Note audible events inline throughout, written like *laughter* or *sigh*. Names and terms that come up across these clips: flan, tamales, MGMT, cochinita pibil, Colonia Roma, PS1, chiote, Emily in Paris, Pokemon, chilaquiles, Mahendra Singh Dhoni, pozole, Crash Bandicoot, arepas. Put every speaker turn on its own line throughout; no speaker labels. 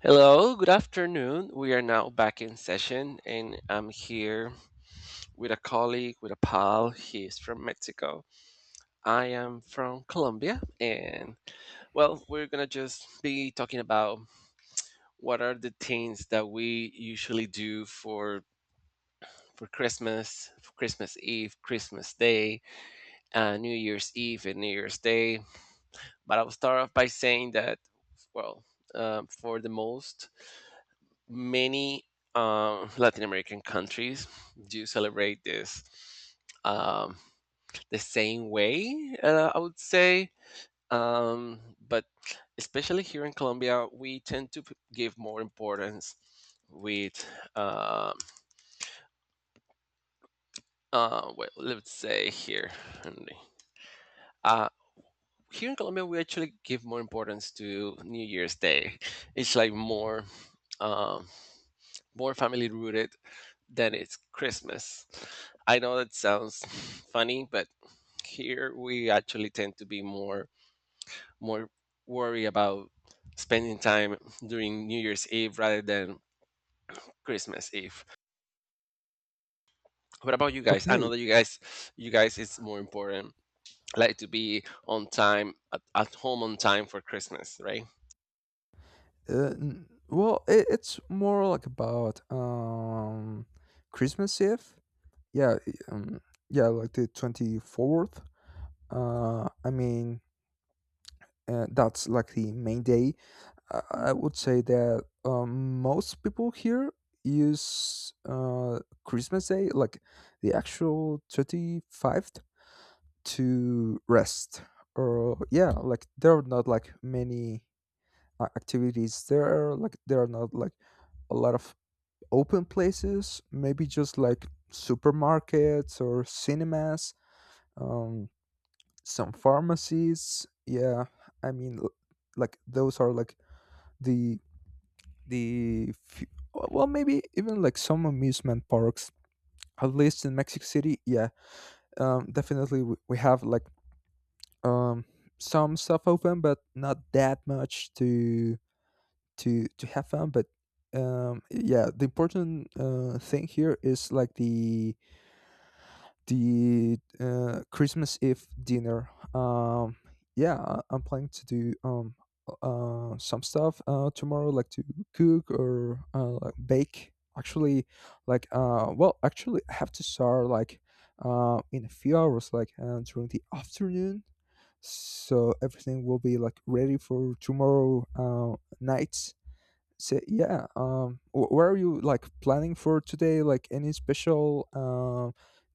Hello, good afternoon. We are now back in session, and I'm here with a colleague, with a pal. He's from Mexico. I am from Colombia, and well, we're gonna just be talking about what are the things that we usually do for Christmas, for Christmas Eve, Christmas Day, New Year's Eve, and New Year's Day. But I'll start off by saying that, well, for the most many Latin American countries do celebrate this um, the same way, I would say. Um, but especially here in Colombia, we tend to give more importance with, um well, let's say in the- Uh, here in Colombia, we actually give more importance to New Year's Day. It's like more, um more family rooted then it's Christmas. I know that sounds *laughs* funny, but here we actually tend to be more worried about spending time during New Year's Eve rather than Christmas Eve. What about you guys? I know
Okay.
that you guys it's more important like to be on time at home on time for Christmas, right?
It's more like about Christmas Eve. Yeah. Like the 24th. Uh, I mean, that's like the main day. I, I would say that most people here use Christmas Day, like the actual 25th, to rest. Or yeah, like there are not like many activities there. Like there are not like a lot of open places, maybe just like supermarkets or cinemas, um some pharmacies, yeah. i mean l- like those are like the the few. Well, maybe even like some amusement parks, at least in Mexico City, yeah. Definitely we have like um some stuff open, but not that much to to have fun. But yeah, the important thing here is like the Christmas Eve dinner. I'm planning to do some stuff tomorrow, like to cook or like bake actually. Actually I have to start like in a few hours, like during the afternoon, so everything will be like ready for tomorrow night. So yeah, where are you like planning for today? Like any special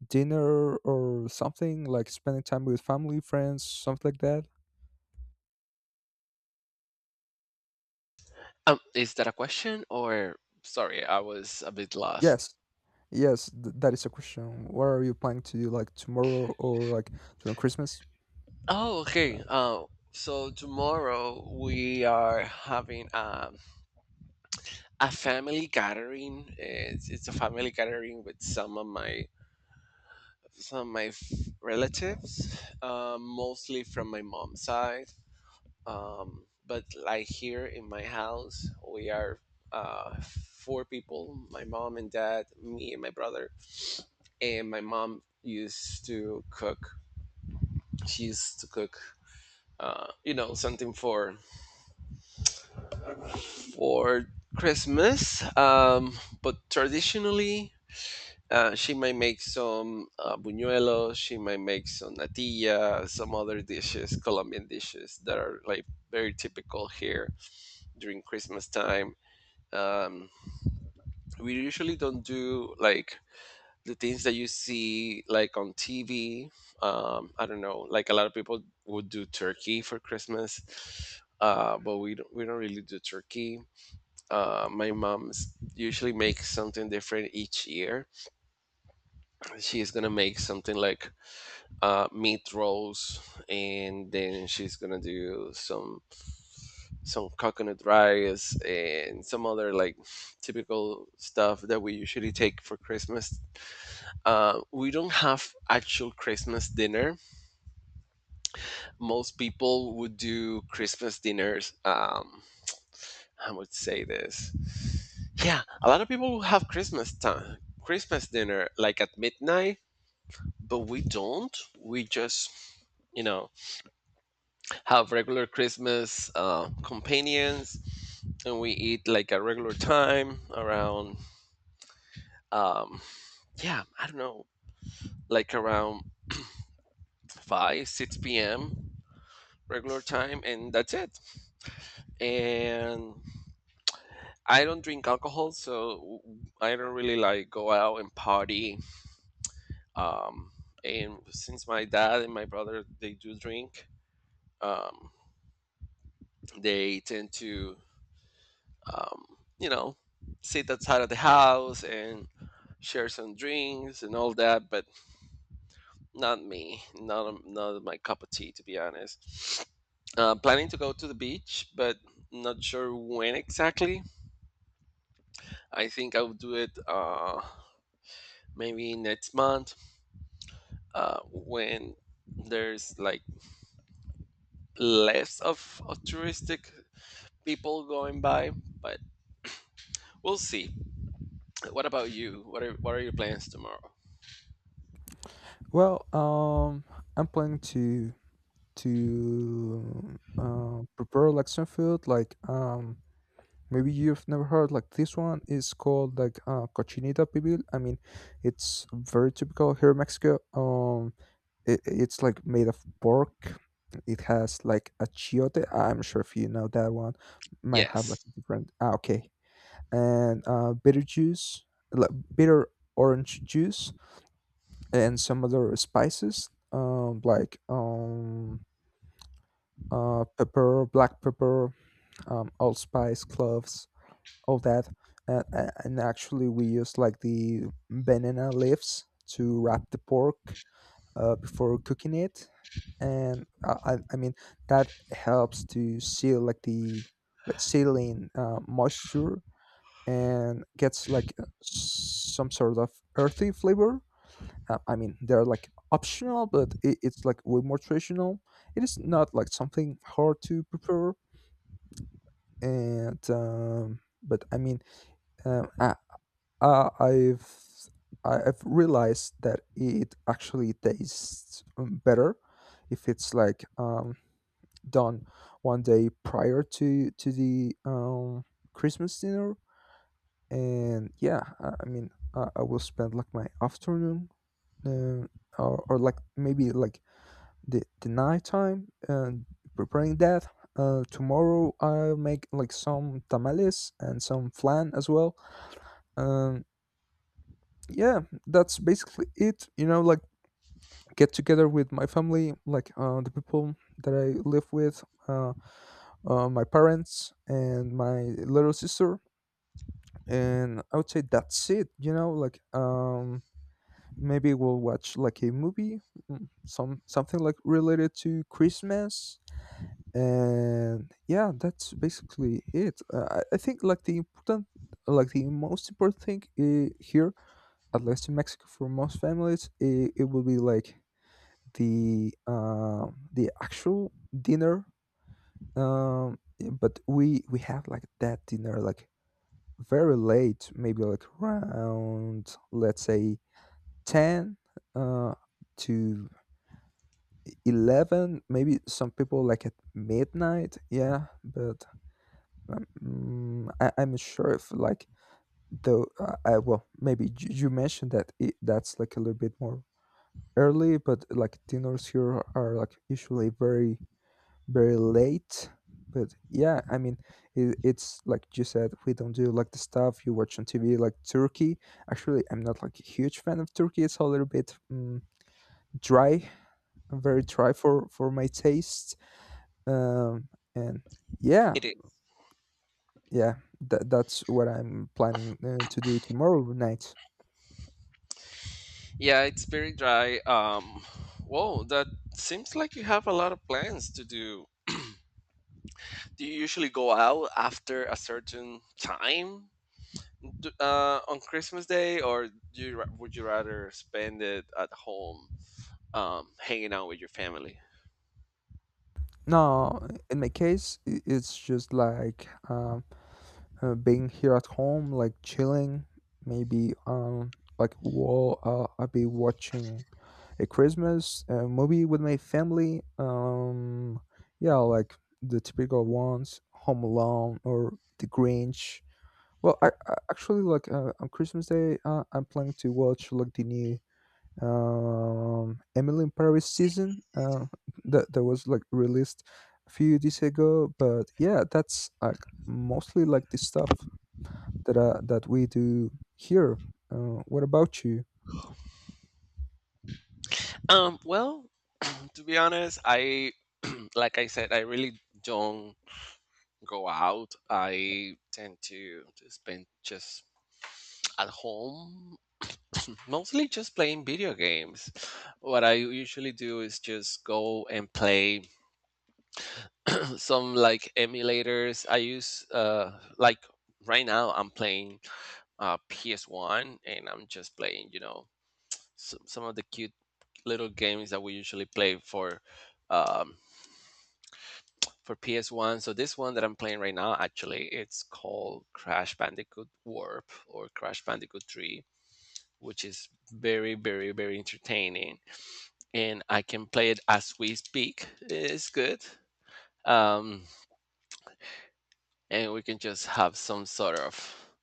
dinner or something? Like spending time with family, friends, something like that?
Is that a question, or sorry, I was a bit lost.
Yes, yes, that is a question. What are you planning to do like tomorrow or like during Christmas?
Oh, okay. So tomorrow we are having a family gathering. It's a family gathering with some of my relatives, mostly from my mom's side. But like here in my house, we are uh, four people: my mom and dad, me and my brother. And my mom used to cook. She used to cook, you know, something for Christmas. But traditionally. She might make some buñuelos. She might make some natilla, some other dishes, Colombian dishes that are like very typical here during Christmas time. Um, we usually don't do like the things that you see like on TV. I don't know, like a lot of people would do turkey for Christmas, but we don't really do turkey. My mom's usually makes something different each year. She's gonna make something like meat rolls, and then she's gonna do some coconut rice and some other like typical stuff that we usually take for Christmas. We don't have actual Christmas dinner. Most people would do Christmas dinners. I would say this. Yeah, a lot of people will have Christmas time, Christmas dinner like at midnight, but we don't. We just, you know, have regular Christmas companions, and we eat like a regular time around um, yeah, I don't know, like around 5 6 p.m. regular time, and that's it. And I don't drink alcohol, so I don't really like go out and party. Um, and since my dad and my brother they do drink, um, they tend to um, you know sit outside of the house and share some drinks and all that, but not me. Not my cup of tea, to be honest. Planning to go to the beach, but not sure when exactly. I think I'll do it maybe next month when there's like less of touristic people going by. But we'll see. What about you? What are your plans tomorrow?
Well, I'm planning to prepare like some food, like maybe you've never heard like. This one is called like cochinita pibil. I mean, it's very typical here in Mexico. It's like made of pork. It has like a chiote. I'm sure if you know that one, might have like
Yes,
different. Ah, okay, and bitter juice, like bitter orange juice, and some other spices. Pepper, black pepper, allspice, cloves, all that. And actually we used like the banana leaves to wrap the pork before cooking it, and I mean that helps to seal like the, like sealing moisture, and gets like some sort of earthy flavor. I mean they're like optional, but it, it's like way more traditional. It is not like something hard to prepare. And but I mean a- Uh, I've I've realized that it actually tastes better if it's like done one day prior to the Christmas dinner. And yeah, I mean, I will spend like my afternoon, uh, or like maybe like the night time, and preparing that. Tomorrow I'll make like some tamales and some flan as well. Um, yeah, that's basically it, you know, like get together with my family, like the people that I live with, uh, my parents and my little sister. And I would say that's it, you know, like maybe we'll watch like a movie, something like related to Christmas. And yeah, that's basically it. I think like the important, like the most important thing here, at least in Mexico, for most families, it will be like the actual dinner. um but we have like that dinner like very late, maybe like, around let's say 10 uh to 11, maybe some people like at midnight, yeah. I'm sure if like, though I, well maybe you mentioned that that's like a little bit more early, but like dinners here are like usually very late. But yeah, I mean it, it's like you said, we don't do like the stuff you watch on TV, like turkey. Actually, I'm not like a huge fan of turkey. It's a little bit dry, very dry for my taste. Um, and Yeah,
it is.
yeah, that that's what I'm planning to do tomorrow night.
Yeah, it's very dry. Whoa, that seems like you have a lot of plans to do. Do you usually go out after a certain time on Christmas Day, or do you, would you rather spend it at home, hanging out with your family?
No, in my case, it's just like being here at home, like chilling. Maybe I'll be watching a Christmas movie with my family. Yeah, like the typical ones, Home Alone or The Grinch. Well, I actually like on Christmas Day, I'm planning to watch like the new Emily in Paris season that was like released a few days ago. But yeah, that's like mostly like the stuff that that we do here. What about you?
Well, *clears throat* to be honest, I *clears throat* like I said, I really don't go out. I tend to spend just at home mostly just playing video games. What I usually do is just go and play *clears throat* some like emulators. I use like right now I'm playing PS1, and I'm just playing, you know, some of the cute little games that we usually play um for PS1. So this one that I'm playing right now actually it's called Crash Bandicoot Warp or Crash Bandicoot 3, which is very entertaining, and I can play it as we speak. It's good. Um, and we can just have some sort of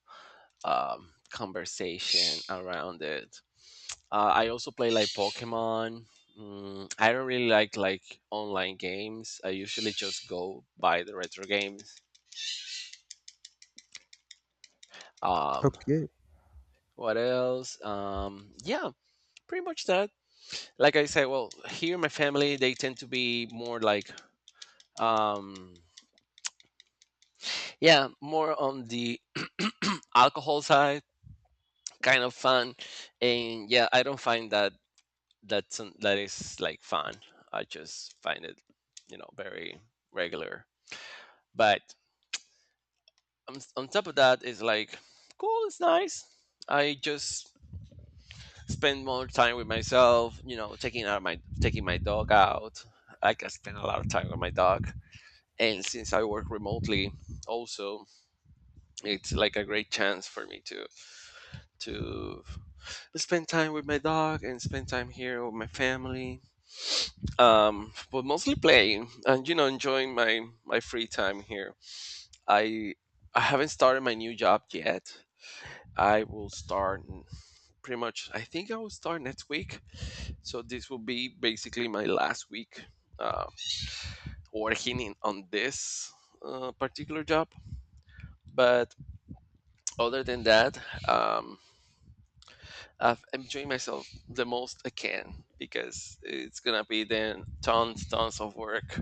conversation around it. I also play like Pokemon. Mm, I don't really like online games. I usually just go buy the retro games. Um,
Okay.
what else? Yeah, pretty much that. Like I said, well, here my family they tend to be more like um yeah, more on the *clears throat* alcohol side, kind of fun, and yeah, I don't find that that is like fun. I just find it, you know, very regular. But on top of that, it's like cool. It's nice. I just spend more time with myself. You know, taking my dog out. Like I spend a lot of time with my dog, and since I work remotely, also it's like a great chance for me to spend time with my dog and spend time here with my family. But mostly playing and you know enjoying my free time here. I I haven't started my new job yet. I will pretty much. I think I will start next week. So this will be basically my last week uh, working on this particular job. But other than that, um, I've enjoyed myself the most I can because it's gonna be then tons of work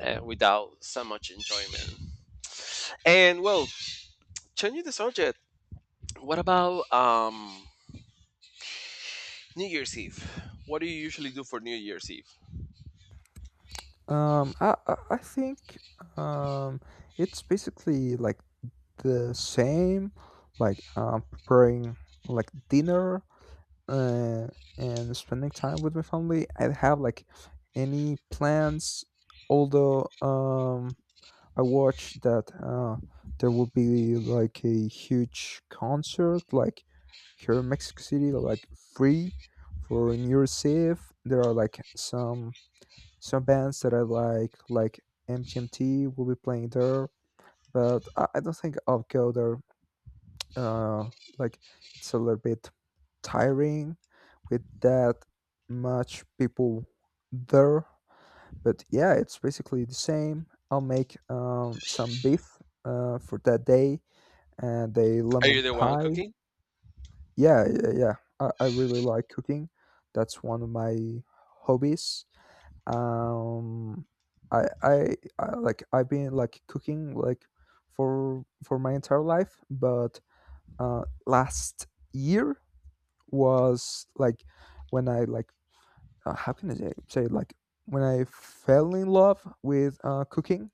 without so much enjoyment. And well, changing the subject, what about New Year's Eve? What do you usually do for New Year's Eve?
I think um, it's basically like the same, like preparing like dinner, uh, and spending time with my family. I don't have like any plans, although I watched that there will be like a huge concert, like here in Mexico City, like free, for New Year's Eve. There are like some bands that I like MGMT will be playing there, but I don't think I'll go there uh, like it's a little bit tiring with that much people there. But yeah, it's basically the same. I'll make some beef for that day, and a
Are you
lemon
the one
pie.
cooking?
Yeah, I really like cooking. That's one of my hobbies. Um I Like I've been like cooking like for my entire life, but last year was like when I like, how can I say, say like, when I fell in love with cooking.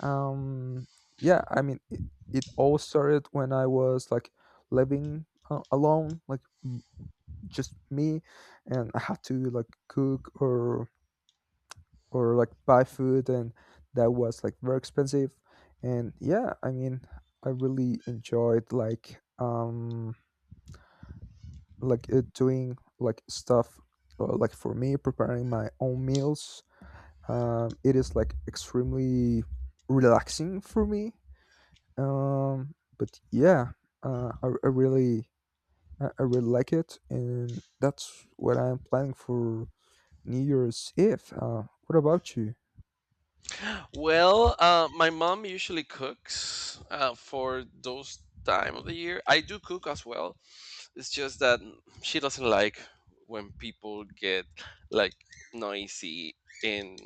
Um, yeah, I mean it, it all started when I was like living alone, like just me, and I had to like cook or like buy food, and that was like very expensive. And yeah, I mean I really enjoyed like doing like stuff, like, for me, preparing my own meals. It is like extremely relaxing for me. But Yeah, I really, I really like it, and that's what I'm planning for New Year's Eve. Uh, what about you?
Well, my mom usually cooks for those time of the year. I do cook as well. It's just that she doesn't like when people get like noisy in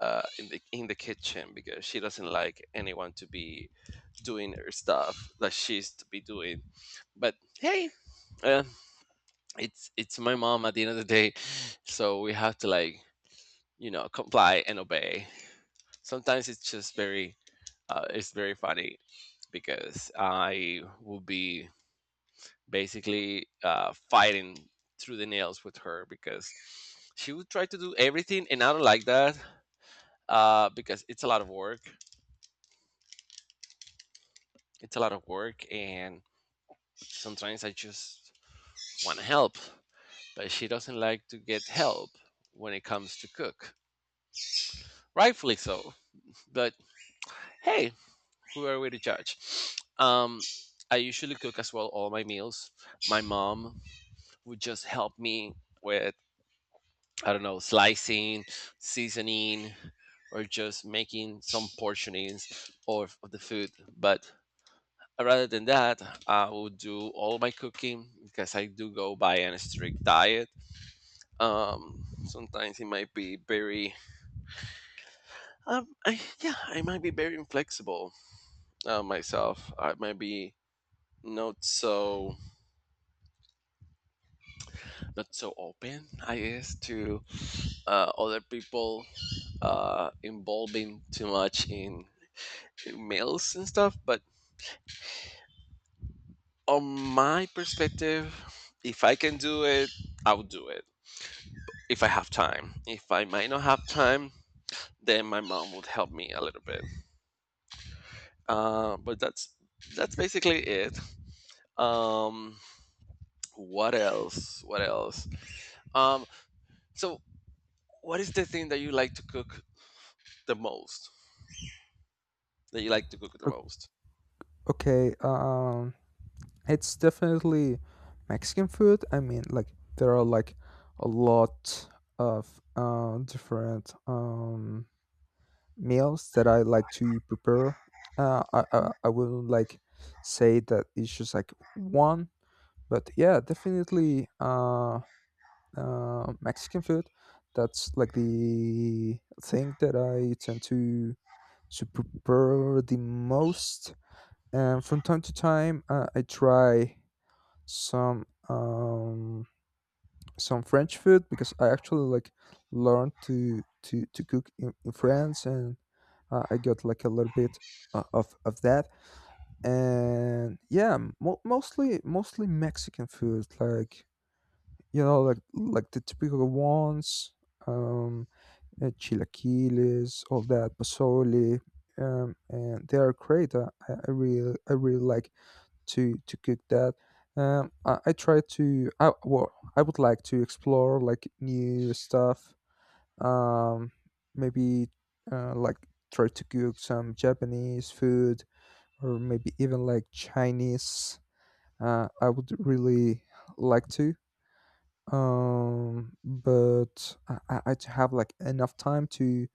in the kitchen because she doesn't like anyone to be doing her stuff that she's to be doing. But hey, uh, it's my mom at the end of the day, so we have to like you know comply and obey. Sometimes it's just very it's very funny because I will be basically fighting through the nails with her because she would try to do everything, and I don't like that because it's a lot of work. It's a lot of work, and sometimes I just want to help, but she doesn't like to get help when it comes to cook. Rightfully so, but hey, who are we to judge? Um, I usually cook as well all my meals. My mom would just help me with I don't know, slicing, seasoning, or just making some portionings of the food. But rather than that, I would do all my cooking because I do go by a strict diet. Sometimes it might be very, yeah, I might be very inflexible myself. I might be not so not so open I guess to other people involving too much in males and stuff. But on my perspective, if I can do it, I'll do it. If I have time. If I might not have time, then my mom would help me a little bit. But that's basically it. Um, what else? What else? Um, so what is the thing that you like to cook the most? That you like to cook the
O-
most?
okay, it's definitely Mexican food. I mean, like, there are like a lot of different meals that I like to prepare. I wouldn't like say that it's just like one, but yeah, definitely Mexican food. That's like the thing that I tend to prepare the most. And from time to time, I try some um, some French food, because I actually like learned to to cook in France, and I got like a little bit of that. And yeah, mostly, mostly Mexican food, like, you know, like the typical ones, um, chilaquiles, all that, pozole, and they are great. I really like to cook that. I try to, I, well, I would like to explore like new stuff, um, maybe like try to cook some Japanese food, or maybe even like Chinese. I would really like to, but I to have like enough time to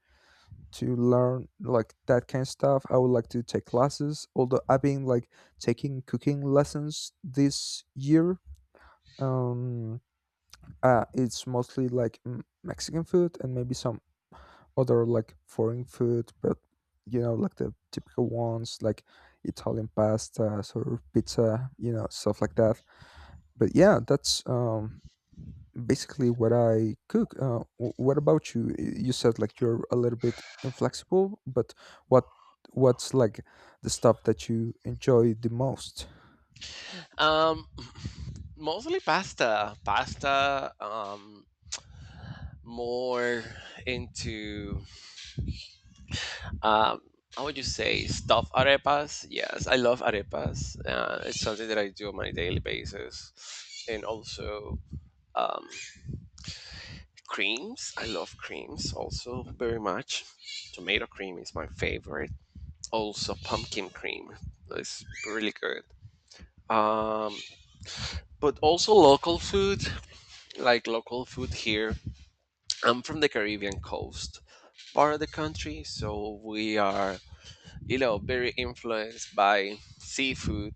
learn like that kind of stuff. I would like to take classes, although I've been like taking cooking lessons this year. Um, it's mostly like Mexican food and maybe some other like foreign food, but you know, like the typical ones, like Italian pasta or pizza, you know, stuff like that. But yeah, that's basically what I cook. What about you? You said like you're a little bit inflexible, but what, what's like the stuff that you enjoy the most?
Um, *laughs* *clears throat* mostly pasta. Pasta. More into um, how would you say stuffed arepas? Yes, I love arepas. It's something that I do on my daily basis, and also um, creams. I love creams also very much. Tomato cream is my favorite. Also pumpkin cream is really good. Um, but also local food, like local food here. I'm from the Caribbean coast part of the country, so we are you know very influenced by seafood,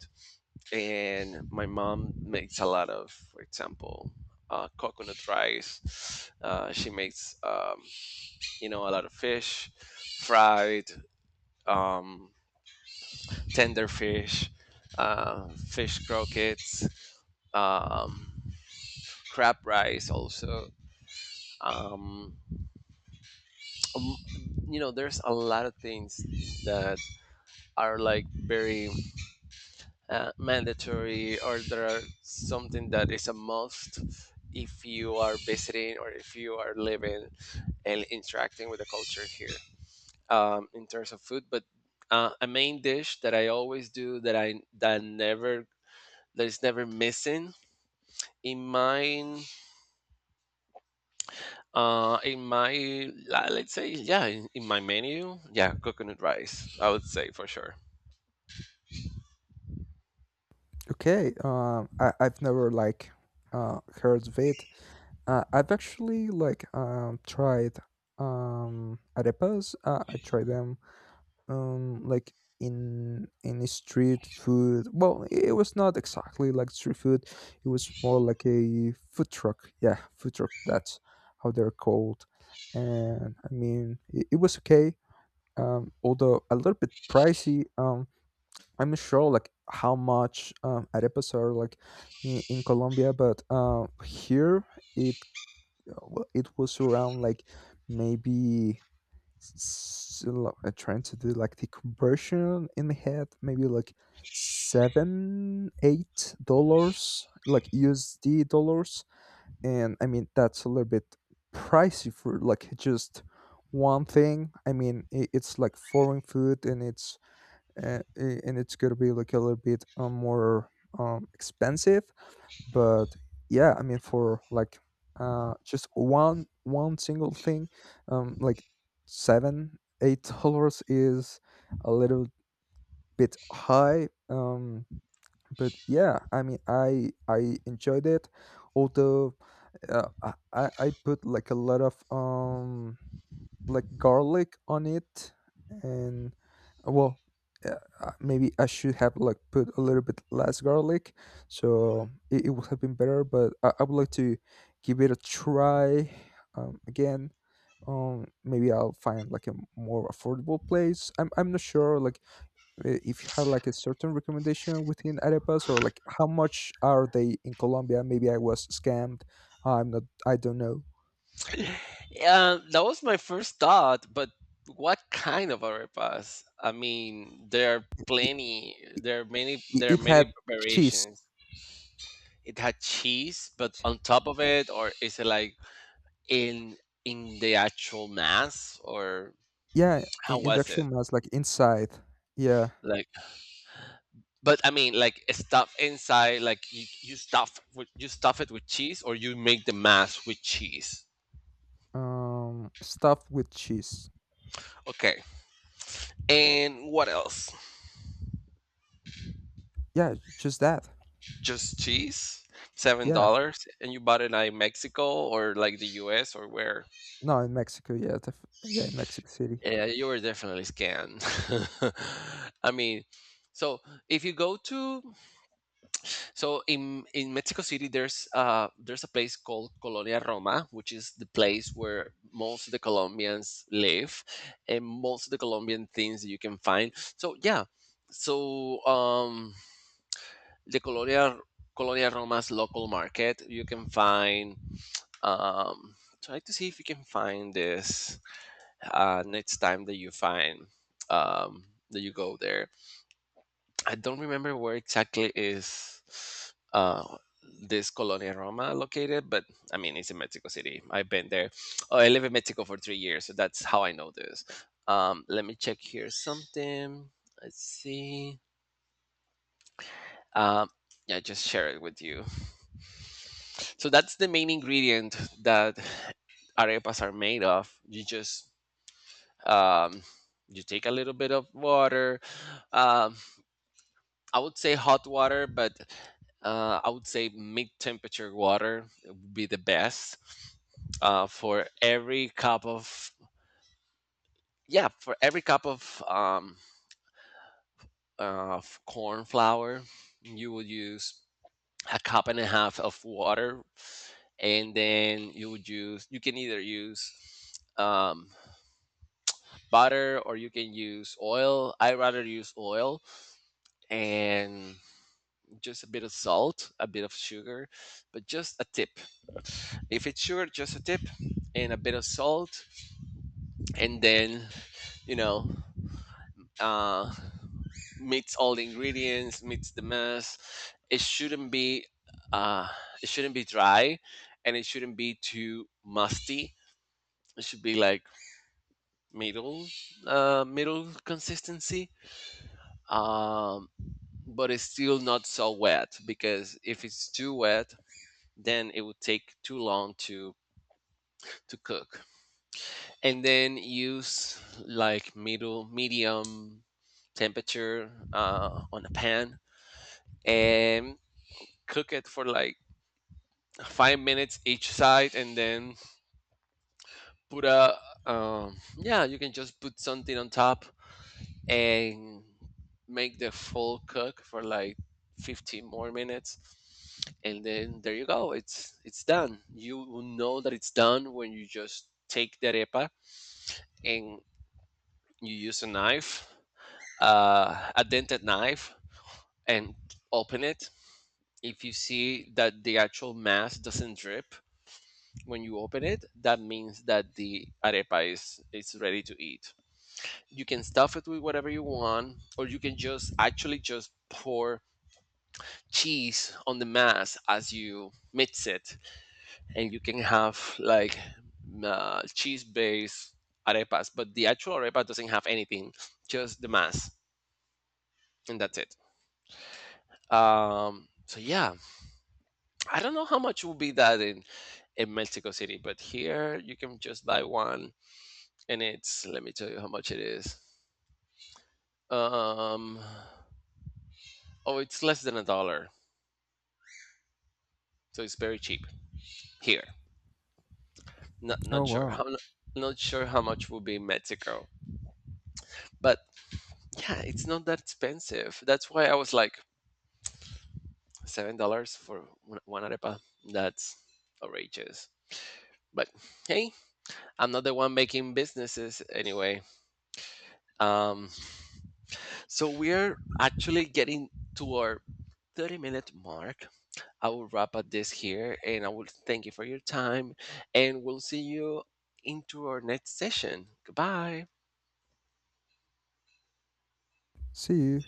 and my mom makes a lot of, for example, coconut rice. She makes, you know, a lot of fish, fried, um, tender fish, fish croquettes, um, crab rice also. Um, um, you know, there's a lot of things that are like very mandatory, or there are something that is a must if you are visiting or if you are living and interacting with the culture here in terms of food. But a main dish that I always do that never that is never missing in my in my let's say yeah in my menu yeah coconut rice I would say for sure.
Okay, I've never like heard of it. I've actually like tried arepas. I tried them um like in a street food. Well, it was not exactly like street food. It was more like a food truck. Yeah, food truck. That's how they're called. And I mean, it was okay. Although a little bit pricey. I'm not sure like how much arepas are like in Colombia, but here it well, it was around like maybe trying to do like the conversion in my head, maybe like $7-8, like USD dollars. And I mean that's a little bit pricey for like just one thing. I mean, it's like foreign food, and it's and it's gonna be like a little bit more expensive. But yeah, I mean, for like just one single thing, like $7-8 is a little bit high. But yeah, I mean, I enjoyed it. Although, I put like a lot of garlic on it. And well, uh, maybe I should have like put a little bit less garlic, so it would have been better. But I would like to give it a try again. Maybe I'll find like a more affordable place. I'm not sure like if you have like a certain recommendation within arepas, or like how much are they in Colombia. Maybe I was scammed. I'm not, I don't know.
That was my first thought, but what kind of arepas? I mean, there are
it,
plenty. There are many.
it,
There are
it
many
had cheese.
variations. It had cheese, but on top of it, or is it like in in the actual mass, or
Yeah,
how
in the
was
actual
it?
mass, like inside. Yeah.
Like, but stuff inside, like you stuff with, you stuff it with cheese, or you make the mass with cheese.
Stuffed with cheese.
Okay, and what else?
Yeah, just that.
Just cheese? Seven
Yeah.
dollars? And you bought it like Mexico or like the US or where?
No, in Mexico. Yeah, yeah, in Mexico City.
Yeah, you were definitely scanned. *laughs* I mean, so if you go to so In Mexico City, there's a place called Colonia Roma, which is the place where most of the Colombians live, and most of the Colombian things that you can find. So yeah, so um the Colonia Colonia Roma's local market, you can find. Um, Try to see if you can find this next time that you find um, that you go there. I don't remember where exactly is uh, this Colonia Roma located, but I mean it's in Mexico City. I've been there. Oh, I live in Mexico for 3 years, so that's how I know this. Let me check here something. Let's see. Um, yeah, just share it with you. So that's the main ingredient that arepas are made of. You just um, you take a little bit of water. Um, I would say hot water, but I would say mid-temperature water would be the best for every cup of yeah for every cup of um, of corn flour. You will use a cup and a half of water, and then you can either use um, butter, or you can use oil. I rather use oil, and just a bit of salt, a bit of sugar, but just a tip. If it's sugar, just a tip, and a bit of salt. And then, you know uh, mix all the ingredients, mix the mess. It shouldn't be uh, it shouldn't be dry, and it shouldn't be too musty. It should be like middle, middle consistency. um, but it's still not so wet, because if it's too wet, then it would take too long to cook. And then use like middle medium temperature on a pan, and cook it for like 5 minutes each side, and then put a yeah, you can just put something on top, and make the full cook for like 15 more minutes. And then there you go, it's done. You will know that it's done when you just take the arepa and you use a knife, a dented knife, and open it. If you see that the actual mass doesn't drip when you open it, that means that the arepa is ready to eat. You can stuff it with whatever you want, or you can just actually just pour cheese on the mass as you mix it, and you can have like cheese-based arepas. But the actual arepa doesn't have anything, just the mass, and that's it. So yeah, I don't know how much will be that in Mexico City, but here you can just buy one, and it's let me tell you how much it is. Um, oh, it's less than a dollar, so it's very cheap here. Not
Oh
not sure
wow.
how much will be in Mexico, but yeah, it's not that expensive. That's why I was like $7 for one arepa. That's outrageous. But hey, I'm not the one making businesses anyway. Um, so we're actually getting to our 30-minute minute mark. I will wrap up this here, and I will thank you for your time, and we'll see you into our next session. Goodbye.
See you.